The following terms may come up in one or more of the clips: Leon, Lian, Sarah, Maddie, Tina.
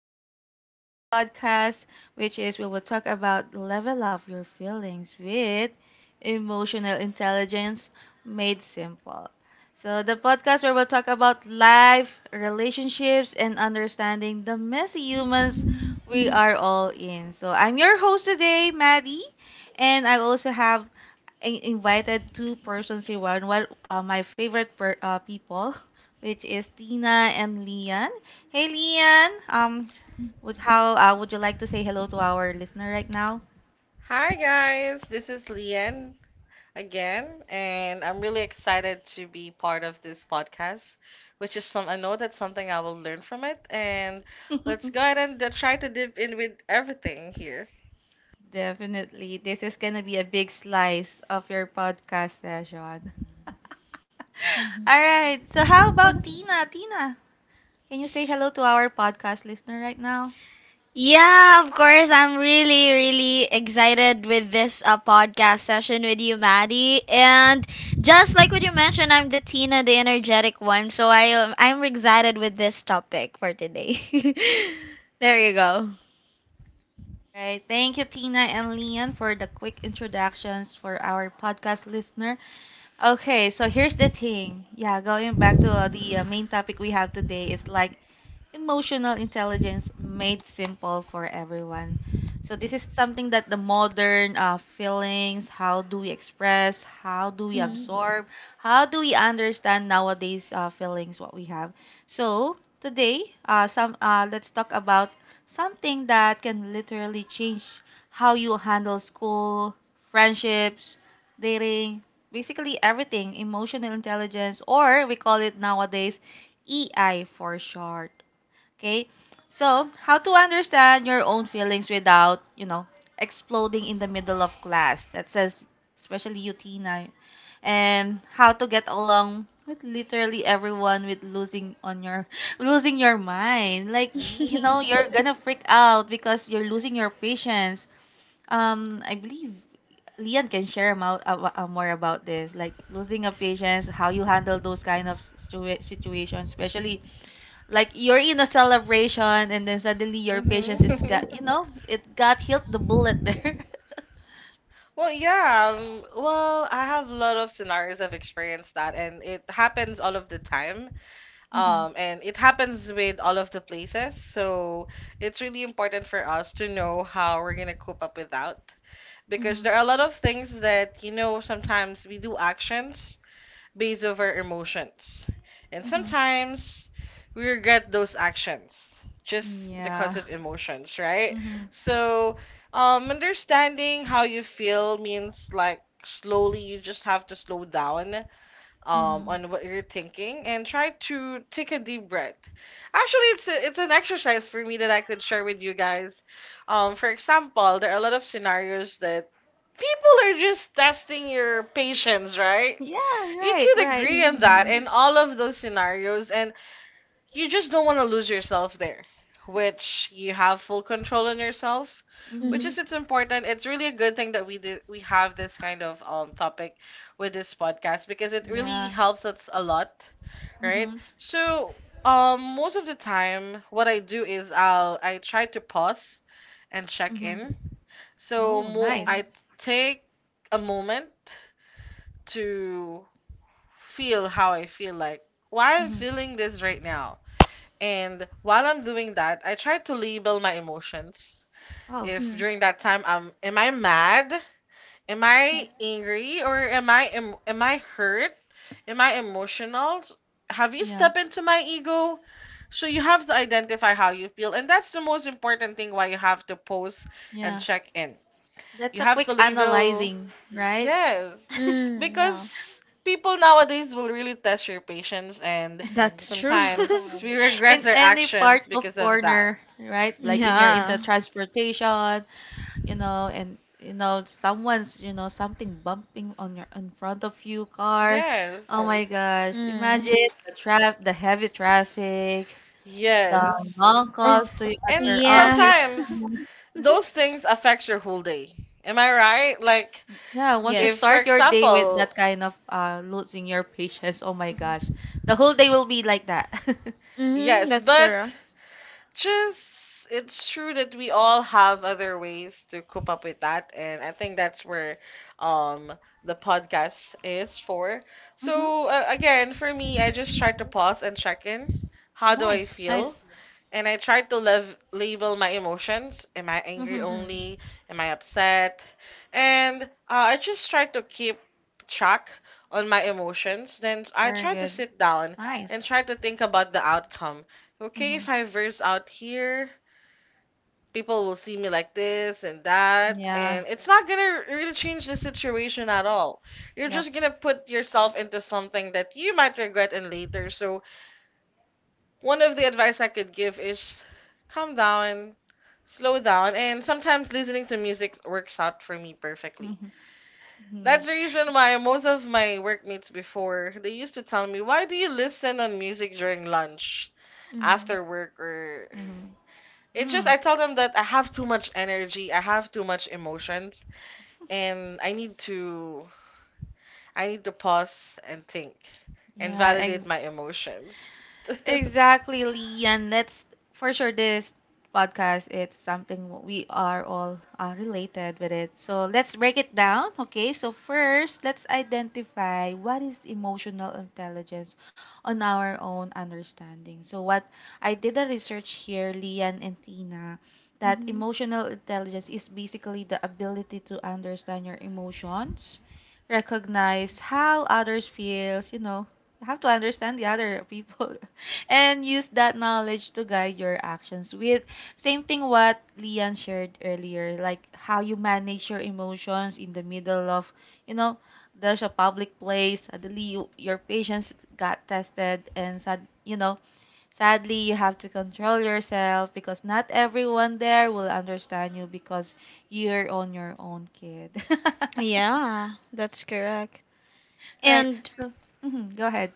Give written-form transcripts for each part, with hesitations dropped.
back to our podcast which is we will talk about level up your feelings with emotional intelligence made simple. So the podcast where we'll talk about life, relationships and understanding the messy humans we are all in. So I'm your host today, Maddie, and I also have I invited two persons in one. One, my favorite people, which is Tina and Lian. Hey, Lian. Would how would you like to say hello to our listener right now? Hi guys, this is Lian again, and I'm really excited to be part of this podcast, which is some I know that's something I will learn from it, and let's go ahead and try to dip in with everything here. Definitely, this is gonna be a big slice of your podcast session. hmm All right. So how about Tina? Tina, can you say hello to our podcast listener right now? Yeah, of course. I'm really, really excited with this podcast session with you, Maddie. And just like what you mentioned, I'm the Tina, the energetic one. So I'm excited with this topic for today. There you go. All right. Thank you, Tina and Lian, for the quick introductions for our podcast listener. Okay, so here's the thing. Yeah, going back to the main topic we have today, it's like emotional intelligence made simple for everyone. So this is something that the modern feelings, how do we express, how do we Mm. absorb, how do we understand nowadays feelings what we have. So today, some let's talk about something that can literally change how you handle school, friendships, dating, basically everything, emotional intelligence, or we call it nowadays EI for short. Okay? So, how to understand your own feelings without, you know, exploding in the middle of class. That says especially you Tina. And how to get along with literally everyone with losing on your losing your mind. Like, you know, you're gonna freak out because you're losing your patience. I believe Lian can share about, more about this, like losing a patience, how you handle those kind of situations, especially like you're in a celebration and then suddenly your patience is Mm-hmm. got you know it got hit the bullet there. Well, yeah, well, I have a lot of scenarios I've experienced that, and it happens all of the time. hmm And it happens with all of the places, so it's really important for us to know how we're gonna cope up with that because hmm there are a lot of things that you know sometimes we do actions based over emotions, and hmm sometimes we regret those actions just yeah. because of emotions, right? hmm So understanding how you feel means like slowly you just have to slow down, hmm on what you're thinking and try to take a deep breath. Actually, it's an exercise for me that I could share with you guys. For example, there are a lot of scenarios that people are just testing your patience, right? yeah, You right, could right. agree on that Mhm. in all of those scenarios, and you just don't want to lose yourself there, which you have full control on yourself, which hmm Mhm. is it's important. It's really a good thing that we have this kind of topic with this podcast because it really yeah. helps us a lot, right? hmm So most of the time what I do is I try to pause and check hmm in. So oh, yeah. Nice. I take a moment to feel how I feel, like why I'm hmm feeling this right now, and while I'm doing that, I try to label my emotions. oh, If Mm. during that time I'm am I mad? Am I angry, or am I hurt? Am I emotional? Have you yeah. stepped into my ego? So you have to identify how you feel, and that's the most important thing why you have to pause and Yeah. check in. You That's a have to quick level. analyzing, right? Yes. Mm, yeah, Because people nowadays will really test your patience, and that's true. sometimes we In regret our any part actions of because of that. corner, right? Like hmm in your into Yeah. transportation you know, and you know, someone's, you know, something bumping on your in front of you car. Yes. Oh my gosh. Imagine Mm. the traffic, the heavy traffic, the Yes. Long calls to at your And office. Yeah. sometimes those things affect your whole day. Am I right? Like, Yeah, once you Yes. if, for start your day with example, that kind of losing your patience, oh my gosh. The whole day will be like that. Mhm. yes, That's but correct. just it's true that we all have other ways to cope up with that, and I think that's where um the podcast is for. Mm-hmm. So again, for me, I just try to pause and check in how do I Nice, feel, nice. and I tried to label my emotions. Am I angry Mm-hmm. Mm. only? Am I upset? And I just tried to keep track on my emotions. Then I Very tried to good. sit down and Nice. try to think about the outcome. Okay, Mm-hmm. if I verse out here, people will see me like this and that. Yeah. And it's not gonna really change the situation at all. You're Yep. just gonna put yourself into something that you might regret in later. So one of the advice I could give is calm down, slow down, and sometimes listening to music works out for me perfectly. Mm-hmm. Mm-hmm. That's the reason why most of my workmates before they used to tell me, "Why do you listen on music during lunch, Mm-hmm. after work, or?" Mm-hmm. It's just Mm. I tell them that I have too much energy, I have too much emotions, and I need to pause and think and Yeah. validate my emotions. Exactly, Lee. That's for sure this podcast it's something we are all related with it. So let's break it down, okay? So first, let's identify what is emotional intelligence on our own understanding. So what I did a research here, Lian and Tina, that emotional intelligence is basically the ability to understand your emotions, recognize how others feels, you know, you have to understand the other people and use that knowledge to guide your actions with same thing what Lian shared earlier like how you manage your emotions in the middle of you know there's a public place suddenly you, your patience got tested and sad you know sadly you have to control yourself because not everyone there will understand you because you're on your own kid. Yeah, that's correct. Right, And so mhm, go ahead.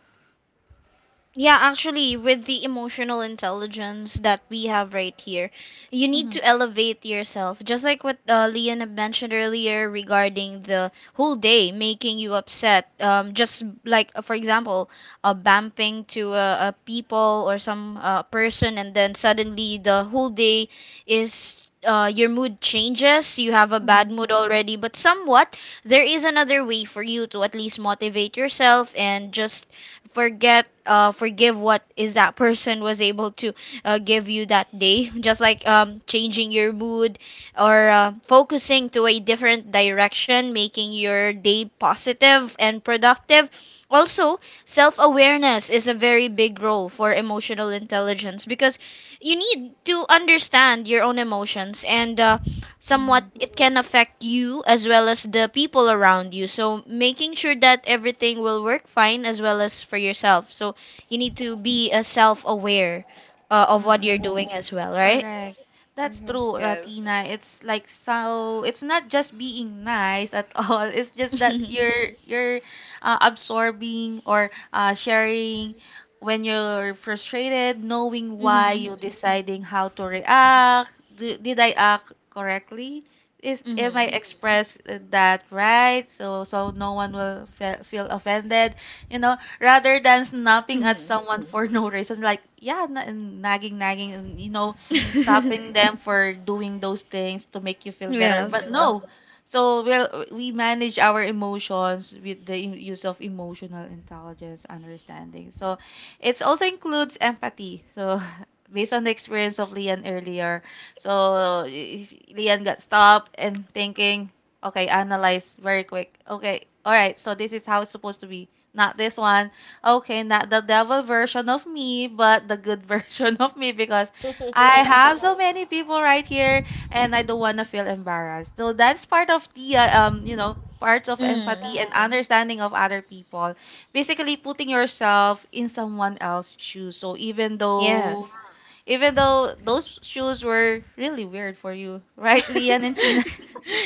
yeah, actually, with the emotional intelligence that we have right here, you need hmm to elevate yourself. Just like what Leon had mentioned earlier regarding the whole day making you upset. Just like, for example, bumping to a people or some person, and then suddenly the whole day is. Your mood changes, you have a bad hmm mood already, but somewhat there is another way for you to at least motivate yourself and just forget forgive what is that person was able to give you that day, just like changing your mood or focusing to a different direction, making your day positive and productive. Also, self-awareness is a very big role for emotional intelligence because you need to understand your own emotions, and somewhat Mhm, it can affect you as well as the people around you, so making sure that everything will work fine as well as for yourself. So you need to be self-aware of what you're mm. doing as well, right? Correct. That's Mhm, true, Tina. yes. It's like so it's not just being nice at all. It's just that Mhm. you're absorbing or sharing when you're frustrated, knowing why Mhm. you deciding how to react. Do, did I act correctly? Is am I Mhm. express that right? So so no one will fe feel offended, you know, rather than snapping at Mhm. someone for no reason, like yeah, na nagging, nagging, you know stopping them for doing those things to make you feel better. Yes. But no. So we'll, we manage our emotions with the use of emotional intelligence understanding. So it also includes empathy. So based on the experience of Lian earlier, so Leon got stopped and thinking, okay, analyze very quick. Okay, all right, so this is how it's supposed to be. Not this one. Okay, not the devil version of me, but the good version of me because I have so many people right here, and I don't want to feel embarrassed. So that's part of the you know, parts of empathy Mm. and understanding of other people. Basically, putting yourself in someone else's shoes. So Yes. even though those shoes were really weird for you, right, Lian and Tina?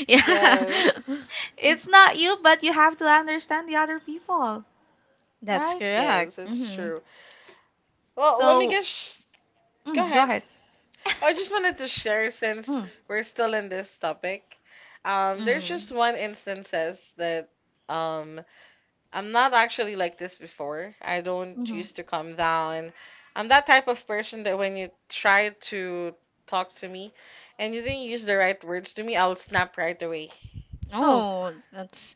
Yeah. Yes. It's not you, but you have to understand the other people, That's right? correct. Yes, it's Mhm. true. Well, let me So, guess. Go mm, go ahead. ahead. I just wanted to share since Mm, we're still in this topic. There's just Mm. one instances that um I'm not actually like this before. I don't mhm. used to calm down. I'm that type of person that when you try to talk to me and you didn't use the right words to me, I'll snap right away. Oh, Oh, that's,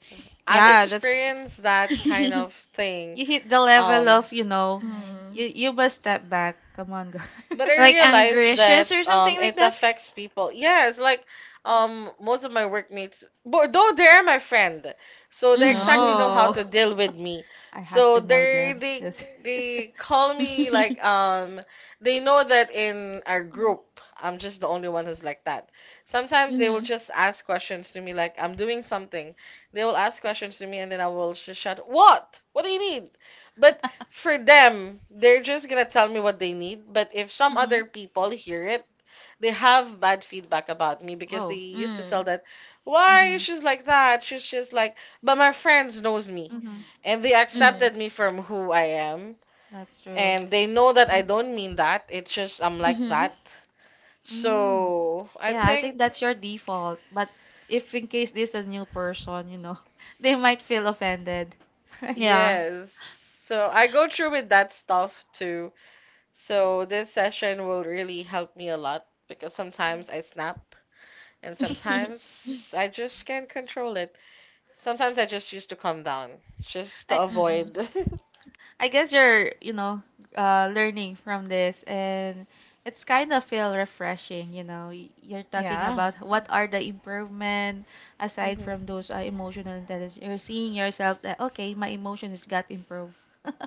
I've yeah, that's experienced that kind mm. of thing. you hit the level Um. of you know you you must step back come on girl. But I Like realize that angracious or something it like that. affects people. Yes, like most of my workmates, but though they're my friend, so they Mhm. exactly know how No. to deal with me. I have So to know them. Yes. they call me like they know that in our group I'm just the only one who's like that. Sometimes they will Mhm. just ask questions to me like I'm doing something. They will ask questions to me, and then I will just shout, "What? What do you need?" But for them, they're just gonna tell me what they need. But if some Mm-hmm. other people hear it, they have bad feedback about me because they Oh. used to Hmm. tell that, why Mm-hmm. she's like that? She's just like, but my friends knows me, Mm-hmm. and they Mhm. accepted me from who I am, That's true. and they know that I don't mean that. It's just I'm like Mhm. that. Mm. So I Yeah, I think think that's your default. But if in case this is a new person, you know, they might feel offended, right? Yeah. yes. So I go through with that stuff too. So this session will really help me a lot because sometimes I snap. And sometimes I just can't control it. Sometimes I just used to calm down just to I avoid. Mhm. I guess you're, you know, learning from this, and it's kind of feel refreshing. You know, you're talking Yeah. about what are the improvement aside from Mhm. those emotional intelligence. You're seeing yourself that okay, my emotions got improved.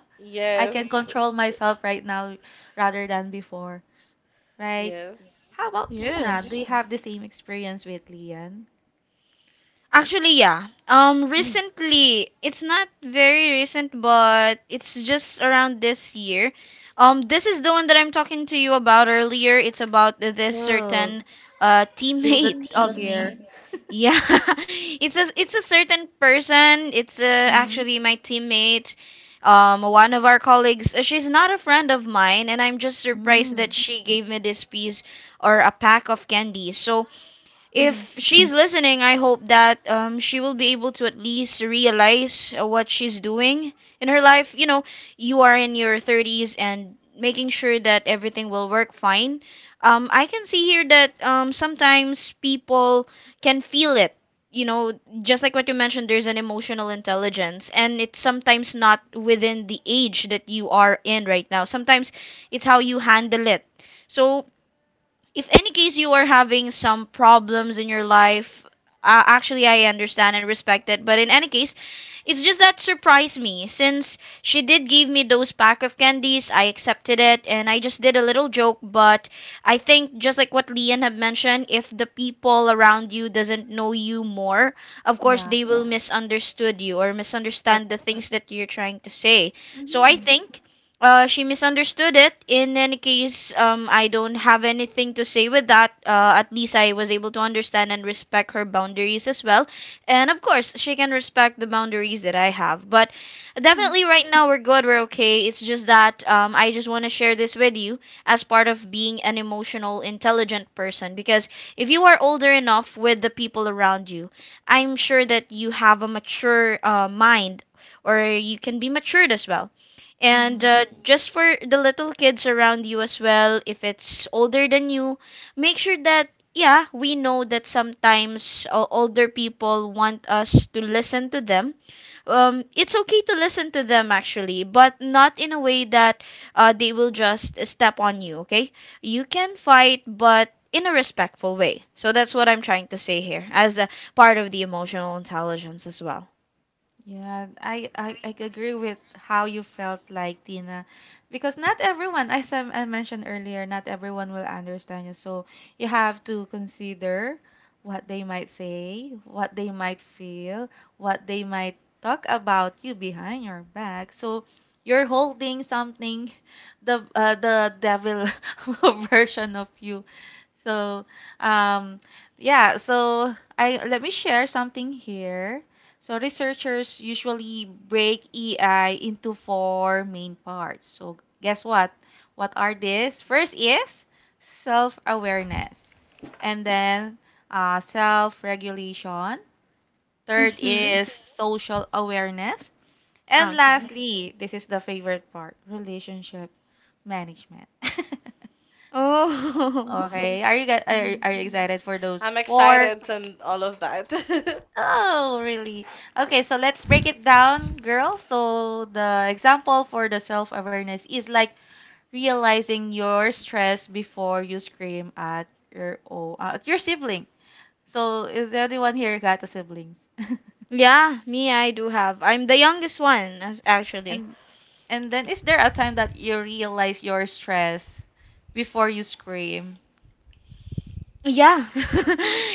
I Yes, can control myself right now rather than before, right? yes. How about Tina? Do Yes. you have the same experience with Lian? Actually, yeah. Recently, it's not very recent, but it's just around this year. This is the one that I'm talking to you about earlier. It's about this Oh, certain spill the teammate tea of here. me. Yeah, it's a certain person. It's Mm-hmm. actually my teammate, one of our colleagues. She's not a friend of mine, and I'm just surprised that Mm-hmm. she gave me this piece or a pack of candy. So if she's listening, I hope that she will be able to at least realize what she's doing in her life. You know, you are in your 30s and making sure that everything will work fine. I can see here that sometimes people can feel it. You know, just like what you mentioned, there's an emotional intelligence, and it's sometimes not within the age that you are in right now. Sometimes it's how you handle it. So if any case you are having some problems in your life, actually I understand and respect it, but in any case, it's just that surprised me since she did give me those pack of candies. I accepted it and I just did a little joke. But I think just like what Leon had mentioned, if the people around you doesn't know you more, of course Yeah. they will misunderstood you or misunderstand the Correct. things that you're trying to say. So I Mm-hmm. think she misunderstood it. In any case, I don't have anything to say with that. At least I was able to understand and respect her boundaries as well. And of course, she can respect the boundaries that I have. But definitely, right now, we're good. We're okay. It's just that I just want to share this with you as part of being an emotional, intelligent person. Because if you are older enough with the people around you, I'm sure that you have a mature mind, or you can be matured as well. And Mm-hmm. Just for the little kids around you as well, if it's older than you, make sure that, yeah, we know that sometimes older people want us to listen to them. It's okay to listen to them actually, but not in a way that they will just step on you, okay? You can fight, but in a respectful way. So that's what I'm trying to say here as a part of the emotional intelligence as well. Yeah, I agree with how you felt like Tina, because not everyone, as I mentioned earlier, not everyone will understand you. So you have to consider what they might say, what they might feel, what they might talk about you behind your back. So you're holding something, the devil version of you. So, um, yeah, so I let me share something here. So researchers usually break EI into four main parts. So guess what? What are these? First is self-awareness, and then self-regulation. Third Mm-hmm. is social awareness, and Okay. lastly, this is the favorite part, relationship management. Oh, Okay. Are you are you excited for those I'm four? excited and all of that. Oh, really? Okay, so let's break it down, girls. So the example for the self-awareness is like realizing your stress before you scream at your oh, at your sibling. So is there anyone here got the siblings? yeah, me, I do have. I'm the youngest one, actually. And and then is there a time that you realize your stress before you scream? Yeah.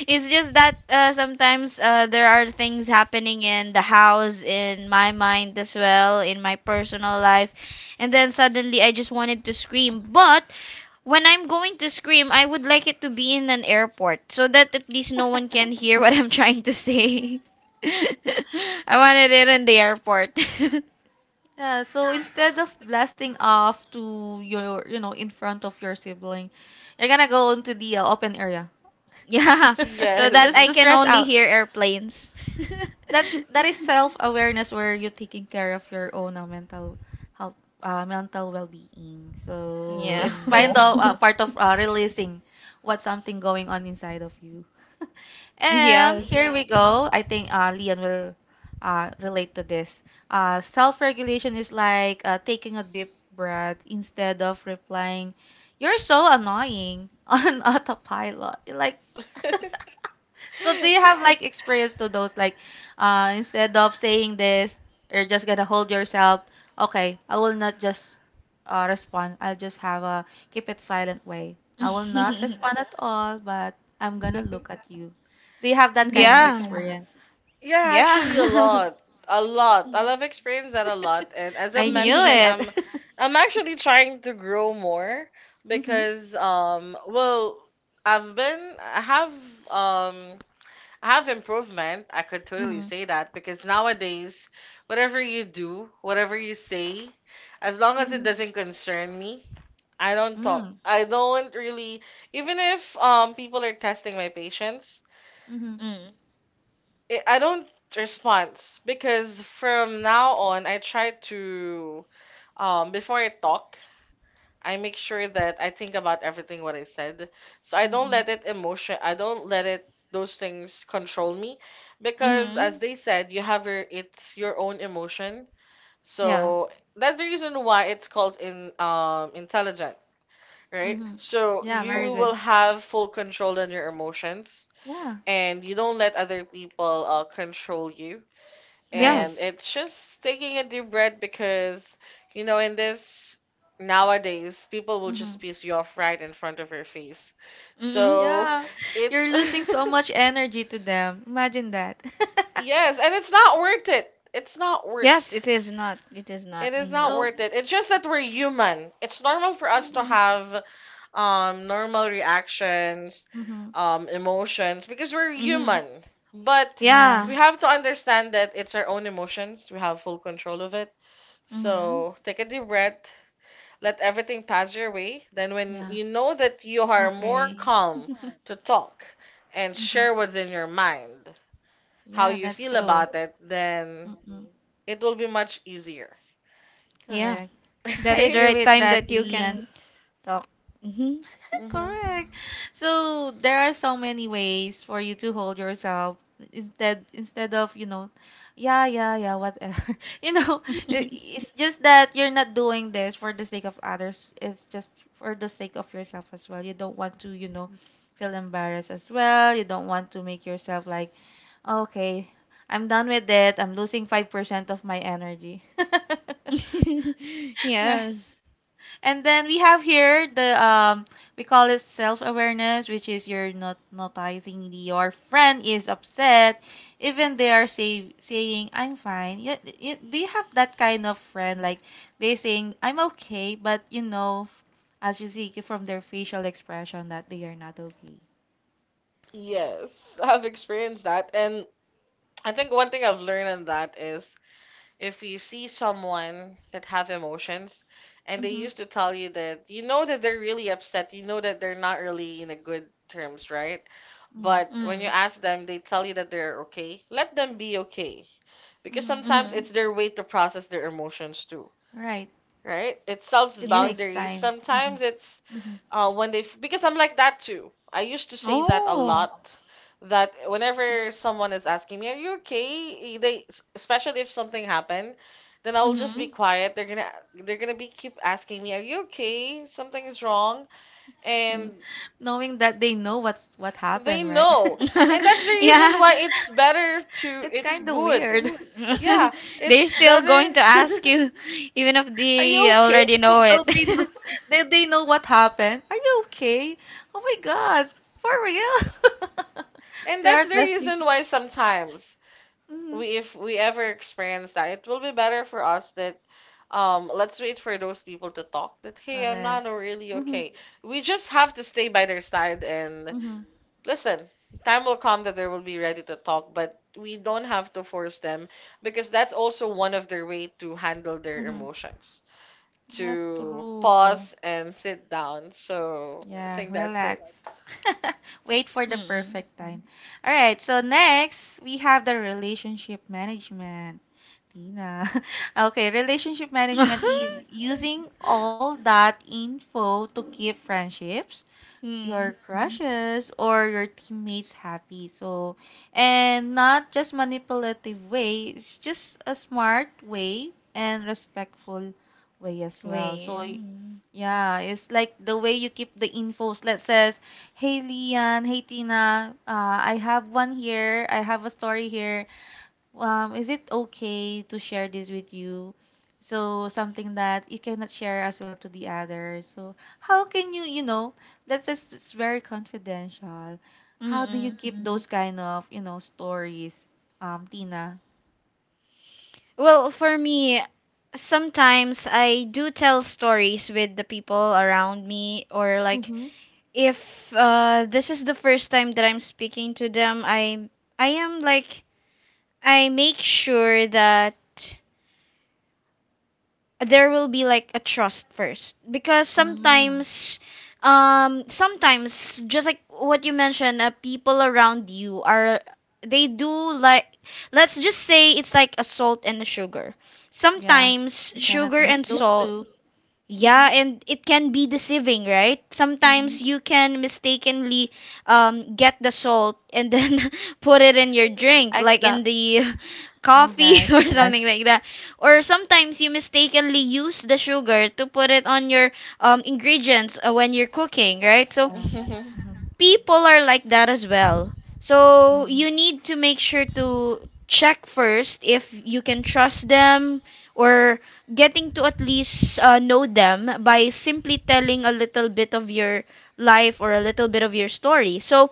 It's just that sometimes there are things happening in the house, in my mind as well, in my personal life. And then suddenly I just wanted to scream. But when I'm going to scream, I would like it to be in an airport so that at least no one can hear what I'm trying to say. I wanted it in the airport. Yeah, so instead of blasting off to your, you know, in front of your sibling, you're gonna go into the open area. Yeah, so that Just Yes. I to can stress only out hear airplanes. that's that is self awareness where you're taking care of your own mental health, mental well-being, so Yeah. it's kind of yeah, part of releasing what's something going on inside of you. And Yes. here yeah, Mhm. we go. I think Leon will relate to this. Self-regulation is like taking a deep breath instead of replying you're so annoying on autopilot you're like so do you have yeah, like experience to those like instead of saying this, you're just gonna hold yourself. Okay, I will not just respond. I'll just have a keep it silent way. I will not respond at all, but I'm gonna look at you. Do you have that kind of Yeah. experience? Yeah, actually a lot. A lot. I have experienced that a lot. And as I I knew Yeah. mentioned, it. I'm actually trying to grow more Mhm. because well, I've been I have um I have improvement. I could totally Mhm. say that because nowadays, whatever you do, whatever you say, as long as it Mhm. doesn't concern me, I don't talk. Mm. I don't really, even if people are testing my patience, Mhm. Mm. I don't respond because from now on, I try to before I talk, I make sure that I think about everything what I said. So Mhm. I don't let it those things control me because as Mm-hmm. they said, you have your it's your own emotion. Yeah. So that's the reason why it's called in intelligent, right? Mhm. So Yeah, very you good. will have full control on your emotions, Yeah, and you don't let other people control you, right. and Yes. it's just taking a deep breath because, you know, in this nowadays, people will Mhm. just piss you off right in front of your face. Mm-hmm. So Yeah. it, You're losing so much energy to them. Imagine that. yes, and it's not worth it. It's not worth. Yes, it is not. It is It not. is Mm-hmm. not So, worth it. It's just that we're human. It's normal for us to mm, have normal reactions, mhm. Emotions because we're Mm-hmm. human. But Yeah, Yeah. we have to understand that it's our own emotions. We have full control of it. Mm-hmm. So take a deep breath, let everything pass your way. Then, when yeah. you know that you are more Okay. calm to talk and Mhm. share what's in your mind, how Yeah, you that's feel true. about it, then Mm-mm. it will be much easier. Yeah. Correct. I That's the Right? agree right with time that, that you Lian. can talk. hmm Correct. So, there are so many ways for you to hold yourself instead of, you know, yeah, yeah, yeah, whatever. You know, Mm-hmm. it's just that you're not doing this for the sake of others. It's just for the sake of yourself as well. You don't want to, you know, feel embarrassed as well. You don't want to make yourself like Okay. I'm done with it. I'm losing 5% of my energy. Right. Yes. And then we have here the we call it self-awareness, which is you're not noticing your friend is upset, even they are saying I'm fine. Yeah, do you have that kind of friend like they saying I'm okay, but you know, as you see from their facial expression that they are not okay. Yes, I've experienced that. And I think one thing I've learned on that is if you see someone that have emotions and they Mhm. used to tell you that you know that they're really upset, you know that they're not really in a good terms, right? Mm. But when you Mm. ask them, they tell you that they're okay. Let them be okay. Because Mhm. sometimes Mm-hmm. it's their way to process their emotions too, Right. right? It sells It takes Yes. boundaries. time. Sometimes it's hmm because I'm like that too. I used to say that a Oh. lot. That whenever someone is asking me, "Are you okay?" They, especially if something happened, then I'll just be Mm-hmm. quiet. They're gonna be keep asking me, "Are you okay? Something is wrong," Mm. and Knowing that they know what's what they happened, right? know. And that's the reason Yeah. why it's better to, It's it's kind of good. weird. Yeah, They're it's still going better. to ask you, even if Are they you okay? already know it. Though they know, they know what happened. Are you okay? Oh my God, for real? And They are that's the testing. reason why sometimes hmm we if we ever experience that, it will be better for us that let's wait for those people to talk that, hey, I'm not Correct. really Mm-hmm. okay. We just have to stay by their side and Mm-hmm. listen. Time will come that they will be ready to talk, but we don't have to force them because that's also one of their way to handle their Mm-hmm. emotions. To That's true. pause and sit down. So I Yeah, think that's it. relax. Wait for the Mm-mm. perfect time. All right, so next we have the relationship management. Tina. Okay, relationship management is using all that info to keep friendships, Mm. your crushes, or your teammates happy. So, and not just manipulative way, it's just a smart way and respectful way as well. Wait. Yeah, it's like the way you keep the infos. Let's says, hey Lian, hey Tina, I have one here. I have a story here is it okay to share this with you? So something that you cannot share as well to the others. So how can you, that's just it's very confidential. How do you Mm-mm. keep, mm-hmm, those kind of, you know, stories, Tina? Well, for me, sometimes I do tell stories with the people around me, or like Mm-hmm. if this is the first time that I'm speaking to them, I am like I make sure that there will be like a trust first, because Mm, sometimes sometimes just like what you mentioned, people around you are, they do like, let's just say it's like a salt and a sugar, yeah, sometimes you cannot sugar and mix, yeah, those salt. two. Yeah, Mm-hmm, and it can be deceiving, right? mm-hmm. Sometimes Mhm. you can mistakenly get the salt and then put it in your drink, like in Exact. the Oh coffee, or gosh. right, something like that. Or sometimes you mistakenly use the sugar to put it on your ingredients when you're cooking, right? So Uh, mm-hmm, people are like that as well. So you need to make sure to check first if you can trust them, or getting to at least know them by simply telling a little bit of your life or a little bit of your story. So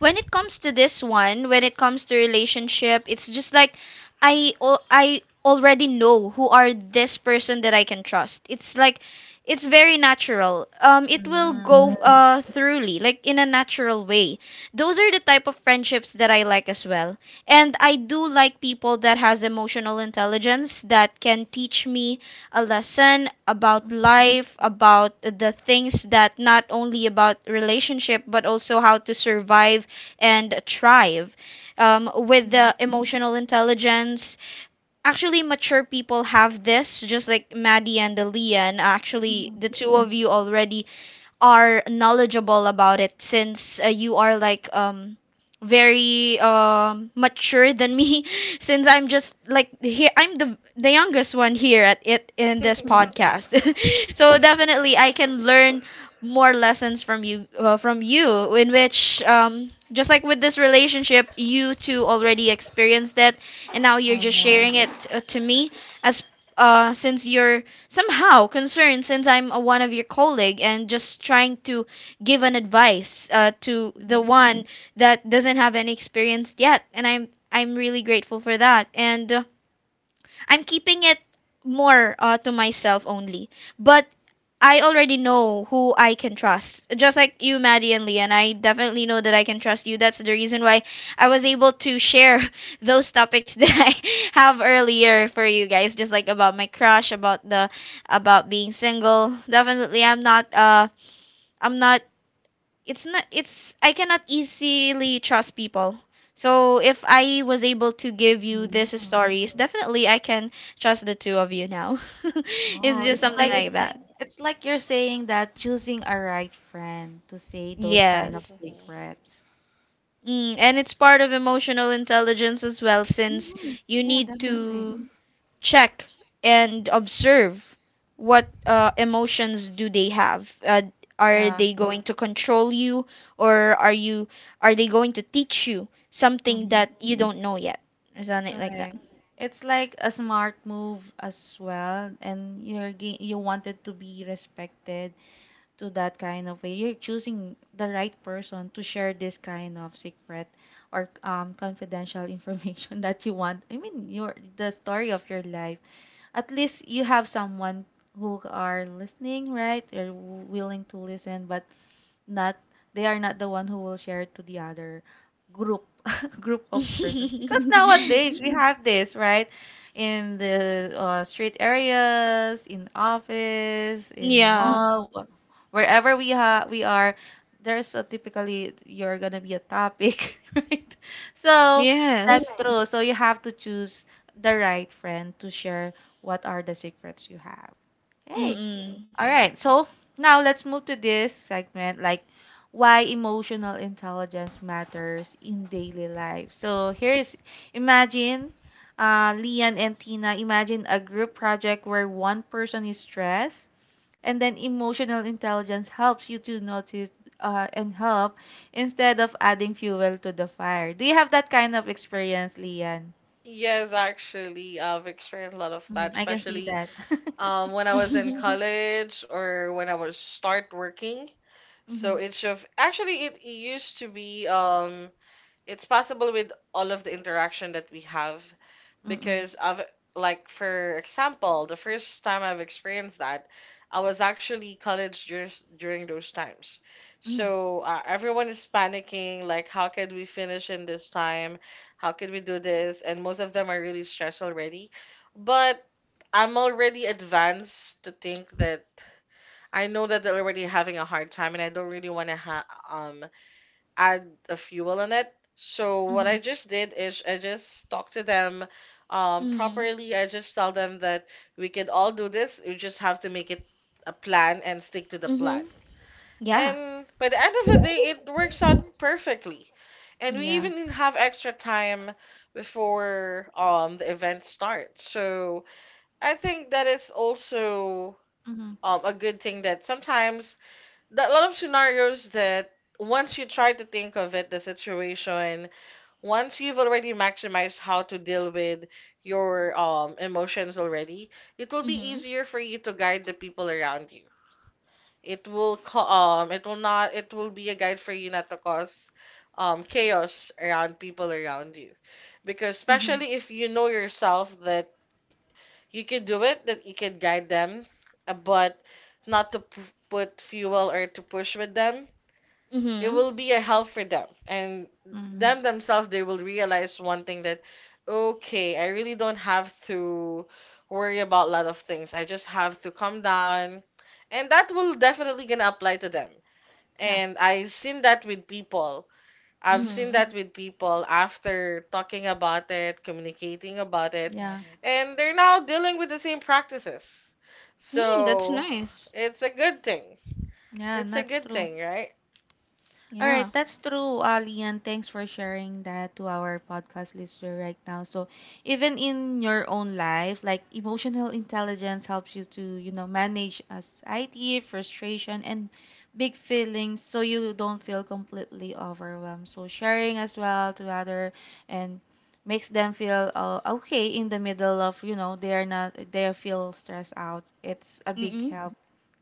when it comes to this one, when it comes to relationship, it's just like I already know who are this person that I can trust. It's like it's very natural. It will mm-hmm, go thoroughly, like in a natural way. Those are the type of friendships that I like as well. And I do like people that has emotional intelligence that can teach me a lesson about mm-hmm, life, about the things that not only about relationship but also how to survive and thrive with the emotional intelligence. Actually, mature people have this, just like Maddie and Leon. Actually, mm-hmm. the two of you already are knowledgeable about it since you are like very mature than me, since I'm just like here, I'm the youngest one here at it in this Mhm. podcast. So definitely I can learn more lessons from you, in which just like with this relationship, you two already experienced it, and now you're Oh just no. sharing it to me as since you're somehow concerned, since I'm a one of your colleague and just trying to give an advice to the Mm-hmm. one that doesn't have any experience yet, and I'm really grateful for that. And I'm keeping it more to myself only. But I already know who I can trust. Just like you, Maddie and Leon, I definitely know that I can trust you. That's the reason why I was able to share those topics that I have earlier for you guys, just like about my crush, about the, about being single. Definitely I'm not it's I cannot easily trust people. So if I was able to give you these Mm-hmm. stories, definitely I can trust the two of you now. It's Oh, just it's something like, like yes, that. it's like you're saying that choosing a right friend to say those kind of Yes. Mhm. secrets. Mm, and it's part of emotional intelligence as well, since Hmm. you Yeah, need definitely. Mm. to check and observe what emotions do they have, are Yeah. they going to control you, or are they going to teach you something Mm-hmm. that you don't know yet, isn't it like that? Correct. It's like a smart move as well, and you wanted to be respected to that kind of way. You're choosing the right person to share this kind of secret or confidential information that you want. I mean, your the story of your life, at least you have someone who are listening, right? They're willing to listen, but not, they are not the one who will share it to the other group group of persons, because nowadays we have this right in the street areas, in office, in the Yeah. mall, wherever we are, there's a typically you're gonna be a topic, right? So that's Yes. true, so you have to choose the right friend to share what are the secrets you have. Okay, Mm. all right. So now let's move to this segment like why emotional intelligence matters in daily life. So here is, imagine Lian and Tina, imagine a group project where one person is stressed and then emotional intelligence helps you to notice and help instead of adding fuel to the fire. Do you have that kind of experience, Lian? Yes, actually, I've experienced a lot of Mm, that, I can see especially that. When I was in Mm. college or when I was start working. Mm-hmm. So each of actually it used to be it's possible with all of the interaction that we have Mm-mm. because I've like for example, the first time I've experienced that, I was actually college during those times. Mm-hmm. So everyone is panicking, like how could we finish in this time? How could we do this? And most of them are really stressed already. But I'm already advanced to think that I know that they're already having a hard time, and I don't really want to ha um add a fuel in it. So what Mm-hmm. I just did is I just talk to them Mm. properly. I just tell them that we can all do this. You just have to make it a plan and stick to the plan. Mhm. Yeah. And by the end of the Mm. day, it works out perfectly. And we Yeah. even have extra time before the event starts. So I think that it's also Mhm. A good thing that sometimes that lot of scenarios that once you try to think of it, the situation, once you've already maximized how to deal with your emotions already, it will be Mhm. easier for you to guide the people around you. It will be a guide for you not to cause chaos around people around you. Because Mhm. especially if you know yourself that you can do it, that you can guide them, but not to p- put fuel or to push with them, it Mhm. will be a help for them, and Mhm. them themselves they will realize one thing that okay, I really don't have to worry about a lot of things, I just have to calm down, and that will definitely gonna apply to them. Yeah. And I've seen that with people, I've Mhm. seen Mhm. that with people after talking about it, communicating about it, Yeah. and they're now dealing with the same practices. Mm, that's So nice. it's a good thing, Yeah, it's and a that's good true. thing, right? All right, Yeah. that's true, Ali, and thanks for sharing that to our podcast listener right now. So, even in your own life, like emotional intelligence helps you to, you know, manage anxiety, frustration, and big feelings so you don't feel completely overwhelmed. So, sharing as well to other and makes them feel okay in the middle of, you know, they are not, they feel stressed out. It's a Mm. big Mm. help,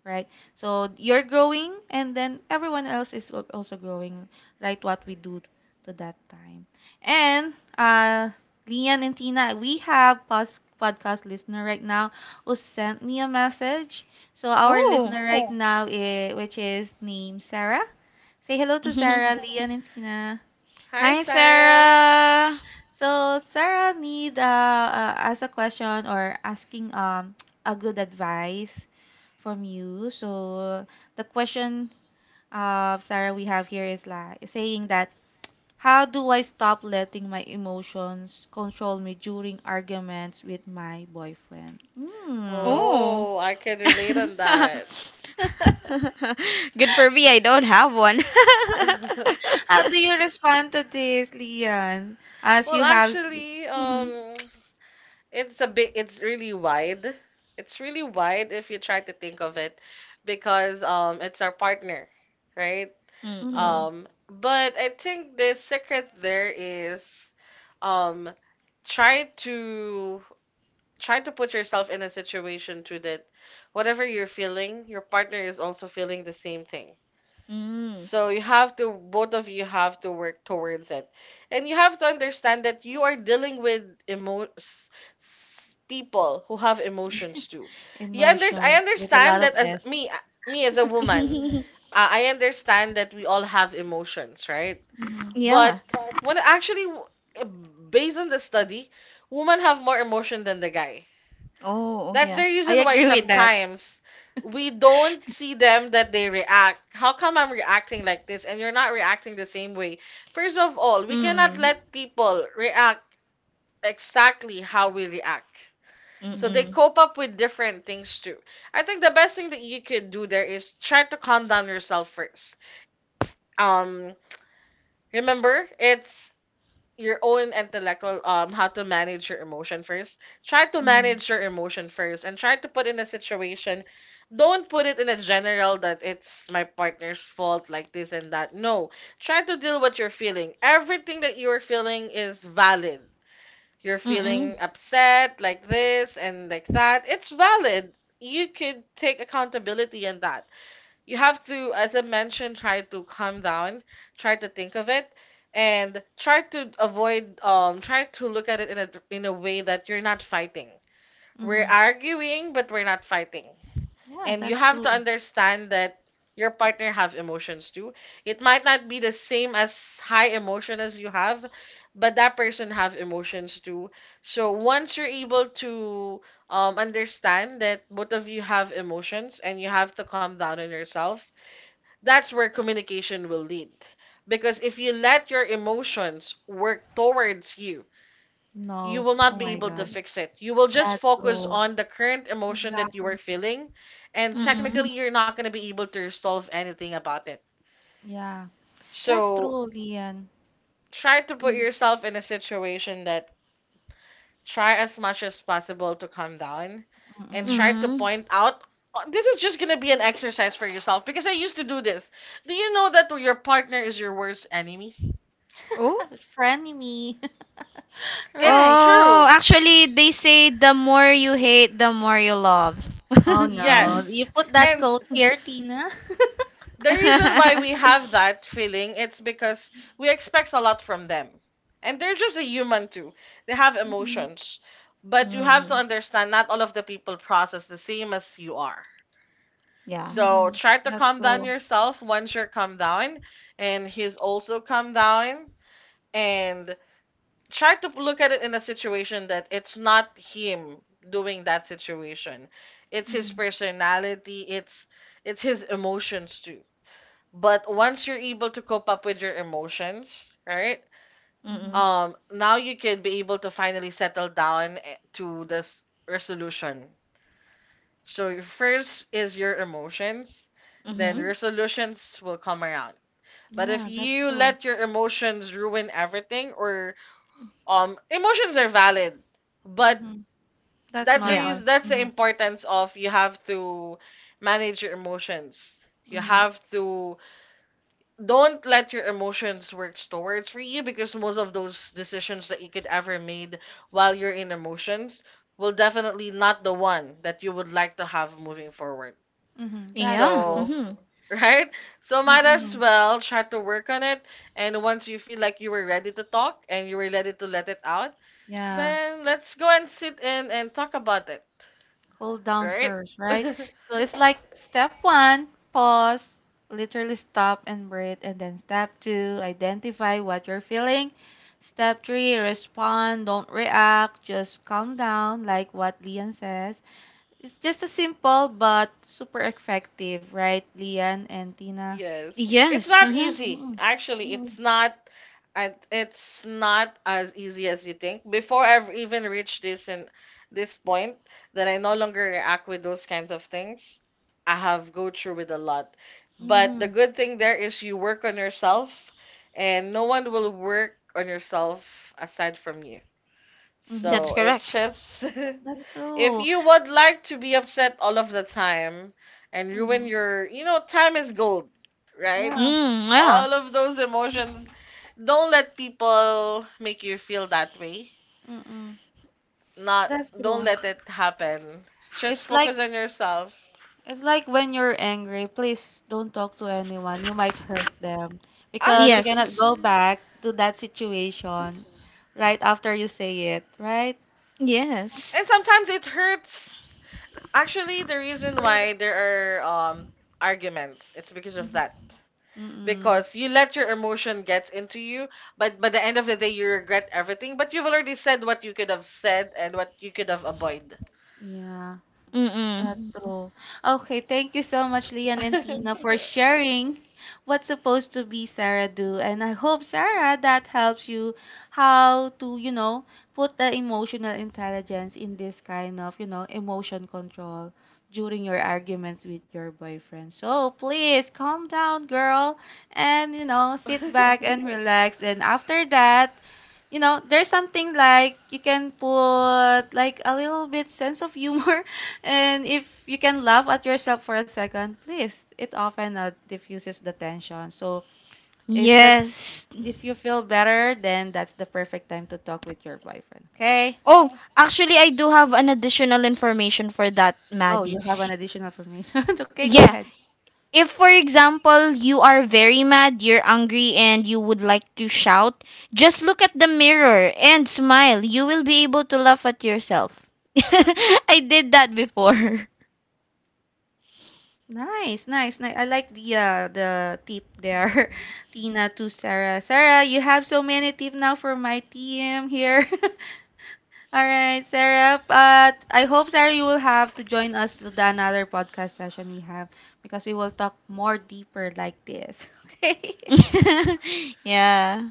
right? So you're growing, and then everyone else is al- also growing, right? What we do to that time. And Lian and Tina, we have podcast listener right now who sent me a message. So our Oh. listener right now, is, which is named Sarah. Say hello to Mhm. Sarah, Lian, and Tina. Hi, Hi, Sarah. Sarah. So Sarah need ask a question or asking a good advice from you. So the question of Sarah we have here is like saying that, how do I stop letting my emotions control me during arguments with my boyfriend? Hmm. Oh. Oh, I can relate on that. Good for me, I don't have one. How do you respond to this, Leon? As Well, you have s- actually, it's a bit, it's really wide. It's really wide if you try to think of it because it's our partner, right? Mhm, Mm-mm. But I think the secret there is, um, try to try to put yourself in a situation to that whatever you're feeling, your partner is also feeling the same thing. Mm. So you have to, both of you have to work towards it. And you have to understand that you are dealing with emo s- people who have emotions too. You under I emotions with a lot understand of that as S. me, me as a woman, I understand that we all have emotions, right? Hmm. Yeah. But when actually, based on the study, women have more emotion than the guy. Oh, oh, That's the yeah. I reason why agree with that. sometimes we don't see them that they react. How come I'm reacting like this and you're not reacting the same way? First of all, we cannot Mm. let people react exactly how we react. So they Hmm. Mm-mm. cope up with different things too. I think the best thing that you could do there is try to calm down yourself first. Um Remember, it's your own intellectual how to manage your emotion first, try to Hmm. manage your emotion first and try to put in a situation. Don't put it in a general that it's my partner's fault like this and that. No, try to deal what you're feeling. Everything that you're feeling is valid. You're Mm-mm. feeling upset like this and like that, it's valid. You could take accountability in that. You have to, as I mentioned, try to calm down, try to think of it, and try to avoid, try to look at it in a way that you're not fighting. We're Hmm. arguing, but we're not fighting. Yeah, And you that's have to true. understand that your partner have emotions too. It might not be the same as high emotion as you have, but that person have emotions too. So once you're able to understand that both of you have emotions and you have to calm down on yourself, that's where communication will lead. Because if you let your emotions work towards you, you No. will Oh not be my able to gosh. fix it. You will just That's focus true. on the current emotion that you are Exactly. feeling, and Hmm. Mm-mm. technically, you're not going to be able to resolve anything about it. Yeah. That's So, true, Lian. try to put I- yourself in a situation that try as much as possible to calm down and Mm-mm. try to Mm. point out. "Oh, this is just going to be an exercise for yourself because I used to do this. Do you know that your partner is your worst enemy? Oh? Frenemy. It's Right. Oh, true. actually, they say the more you hate, the more you love. Oh no. You Yes. put that And coat here, Tina. the reason why we have that feeling, it's because we expect a lot from them. And they're just a human too. They have Mm-hmm. emotions. But you have to Mm. understand not all of the people process the same as you are. Yeah. So Mm-hmm. try to That's calm down true. yourself. Once you're calm down and he's also calm down, and try to look at it in a situation that it's not him doing that situation. It's his Mm-hmm. personality, it's his emotions too. But once you're able to cope up with your emotions, right? Mm-mm. Mm-hmm. Now you can be able to finally settle down eh, to this resolution. So your first is your emotions, then Mm-hmm. Mm-hmm. resolutions will come around. But if Yeah, that's you true. let your emotions ruin everything or emotions are valid, but Mm-hmm. That's that's the Yeah. normal. reason, that's the Mm-hmm. importance of you have to manage your emotions, you Mm-hmm. have to, don't let your emotions work towards for you because most of those decisions that you could ever made while you're in emotions will definitely not the one that you would like to have moving forward. Mm-hmm. That's Yeah. true. So Mm-hmm. right, so might as Mm-mm. well try to work on it, and once you feel like you were ready to talk and you were ready to let it out, Yeah. then let's go and sit in and talk about it, Cool down right? first, right? So it's like step one, pause, literally stop and breathe. And then step two, identify what you're feeling. Step three, respond, don't react, just calm down, like what Lian says. It's just a simple but super effective, right, Lian and Tina? Yes. It's Yes, not hmm, easy. Mm-mm. Actually, it's not, and it's not as easy as you think. Before I've even reached this and this point that I no longer react with those kinds of things, I have go through with a lot. But Mm-hmm. the good thing there is you work on yourself, and no one will work on yourself aside from you. Mm-hmm. that's So it's correct. just That's if true. you would like to be upset all of the time and ruin Mm-hmm. your, you know, time is gold, right? Yeah. Mm, yeah. All of those emotions, don't let people make you feel that way. Mm-mm. Not, That's don't true. let it happen. Just It's focus on like, yourself. it's like when you're angry, please don't talk to anyone. You might hurt them because you Actually, cannot Yes. go and back to that situation right after you say it, right? Yes. sometimes it hurts. Actually, the reason why there are um arguments, it's because of Mm-hmm. that. Mm-mm. Because you let your emotion gets into you, but by the end of the day you regret everything, but you've already said what you could have said and what you could have avoided. Yeah. Mm-mm. That's true. Okay, thank you so much, Leon and Tina, for sharing what's supposed to be Sarah do. And I hope, Sarah, that helps you how to, you know, put the emotional intelligence in this kind of, you know, emotion control during your arguments with your boyfriend. So please calm down, girl, and, you know, sit back and relax. And after that, you know, there's something like you can put like a little bit sense of humor, and if you can laugh at yourself for a second, please, it often diffuses the tension. So if that, Yes. if you feel better, then that's the perfect time to talk with your boyfriend. Okay? Oh, actually, I do have an additional information for that, Oh, Maddie. you have an additional for me. Okay, go Yeah, ahead. if for example you are very mad, you're angry, and you would like to shout, just look at the mirror and smile. You will be able to laugh at yourself. I did that before. Nice, nice, nice. I like the tip there, Tina to Sarah. Sarah, you have so many tip now for my team here. All right, Sarah. But I hope, Sarah, you will have to join us to the another podcast session we have because we will talk more deeper like this. Okay. Yeah,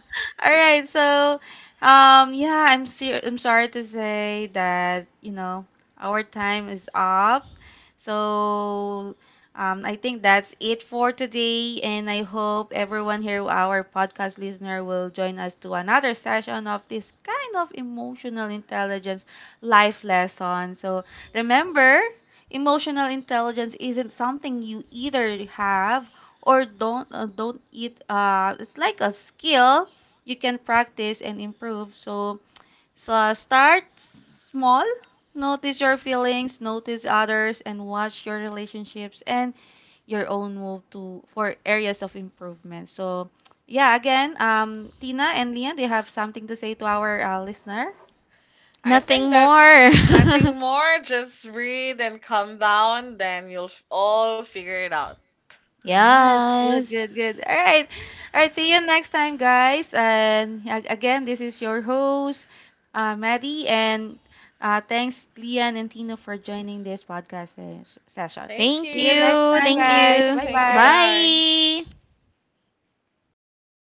All right, so yeah, I'm sorry to say that, you know, our time is up. So I think that's it for today and I hope everyone here our podcast listener will join us to another session of this kind of emotional intelligence life lesson. So remember, emotional intelligence isn't something you either have or don't eat it's like a skill you can practice and improve. So, so start small. Notice your feelings, notice others, and watch your relationships and your own move to for areas of improvement. So, yeah, again, Tina and Lian, they have something to say to our listener. I nothing think more. that's nothing more, just breathe and calm down, then all figure it out. Yes, good, Yes. good, good. All right. All right, see you next time, guys. Again, this is your host, Maddie, and thanks, Lian and Tino, for joining this podcast session. Thank Thank See you you. next you. time, Thank guys. you. Bye Thank you. bye. Bye. Bye.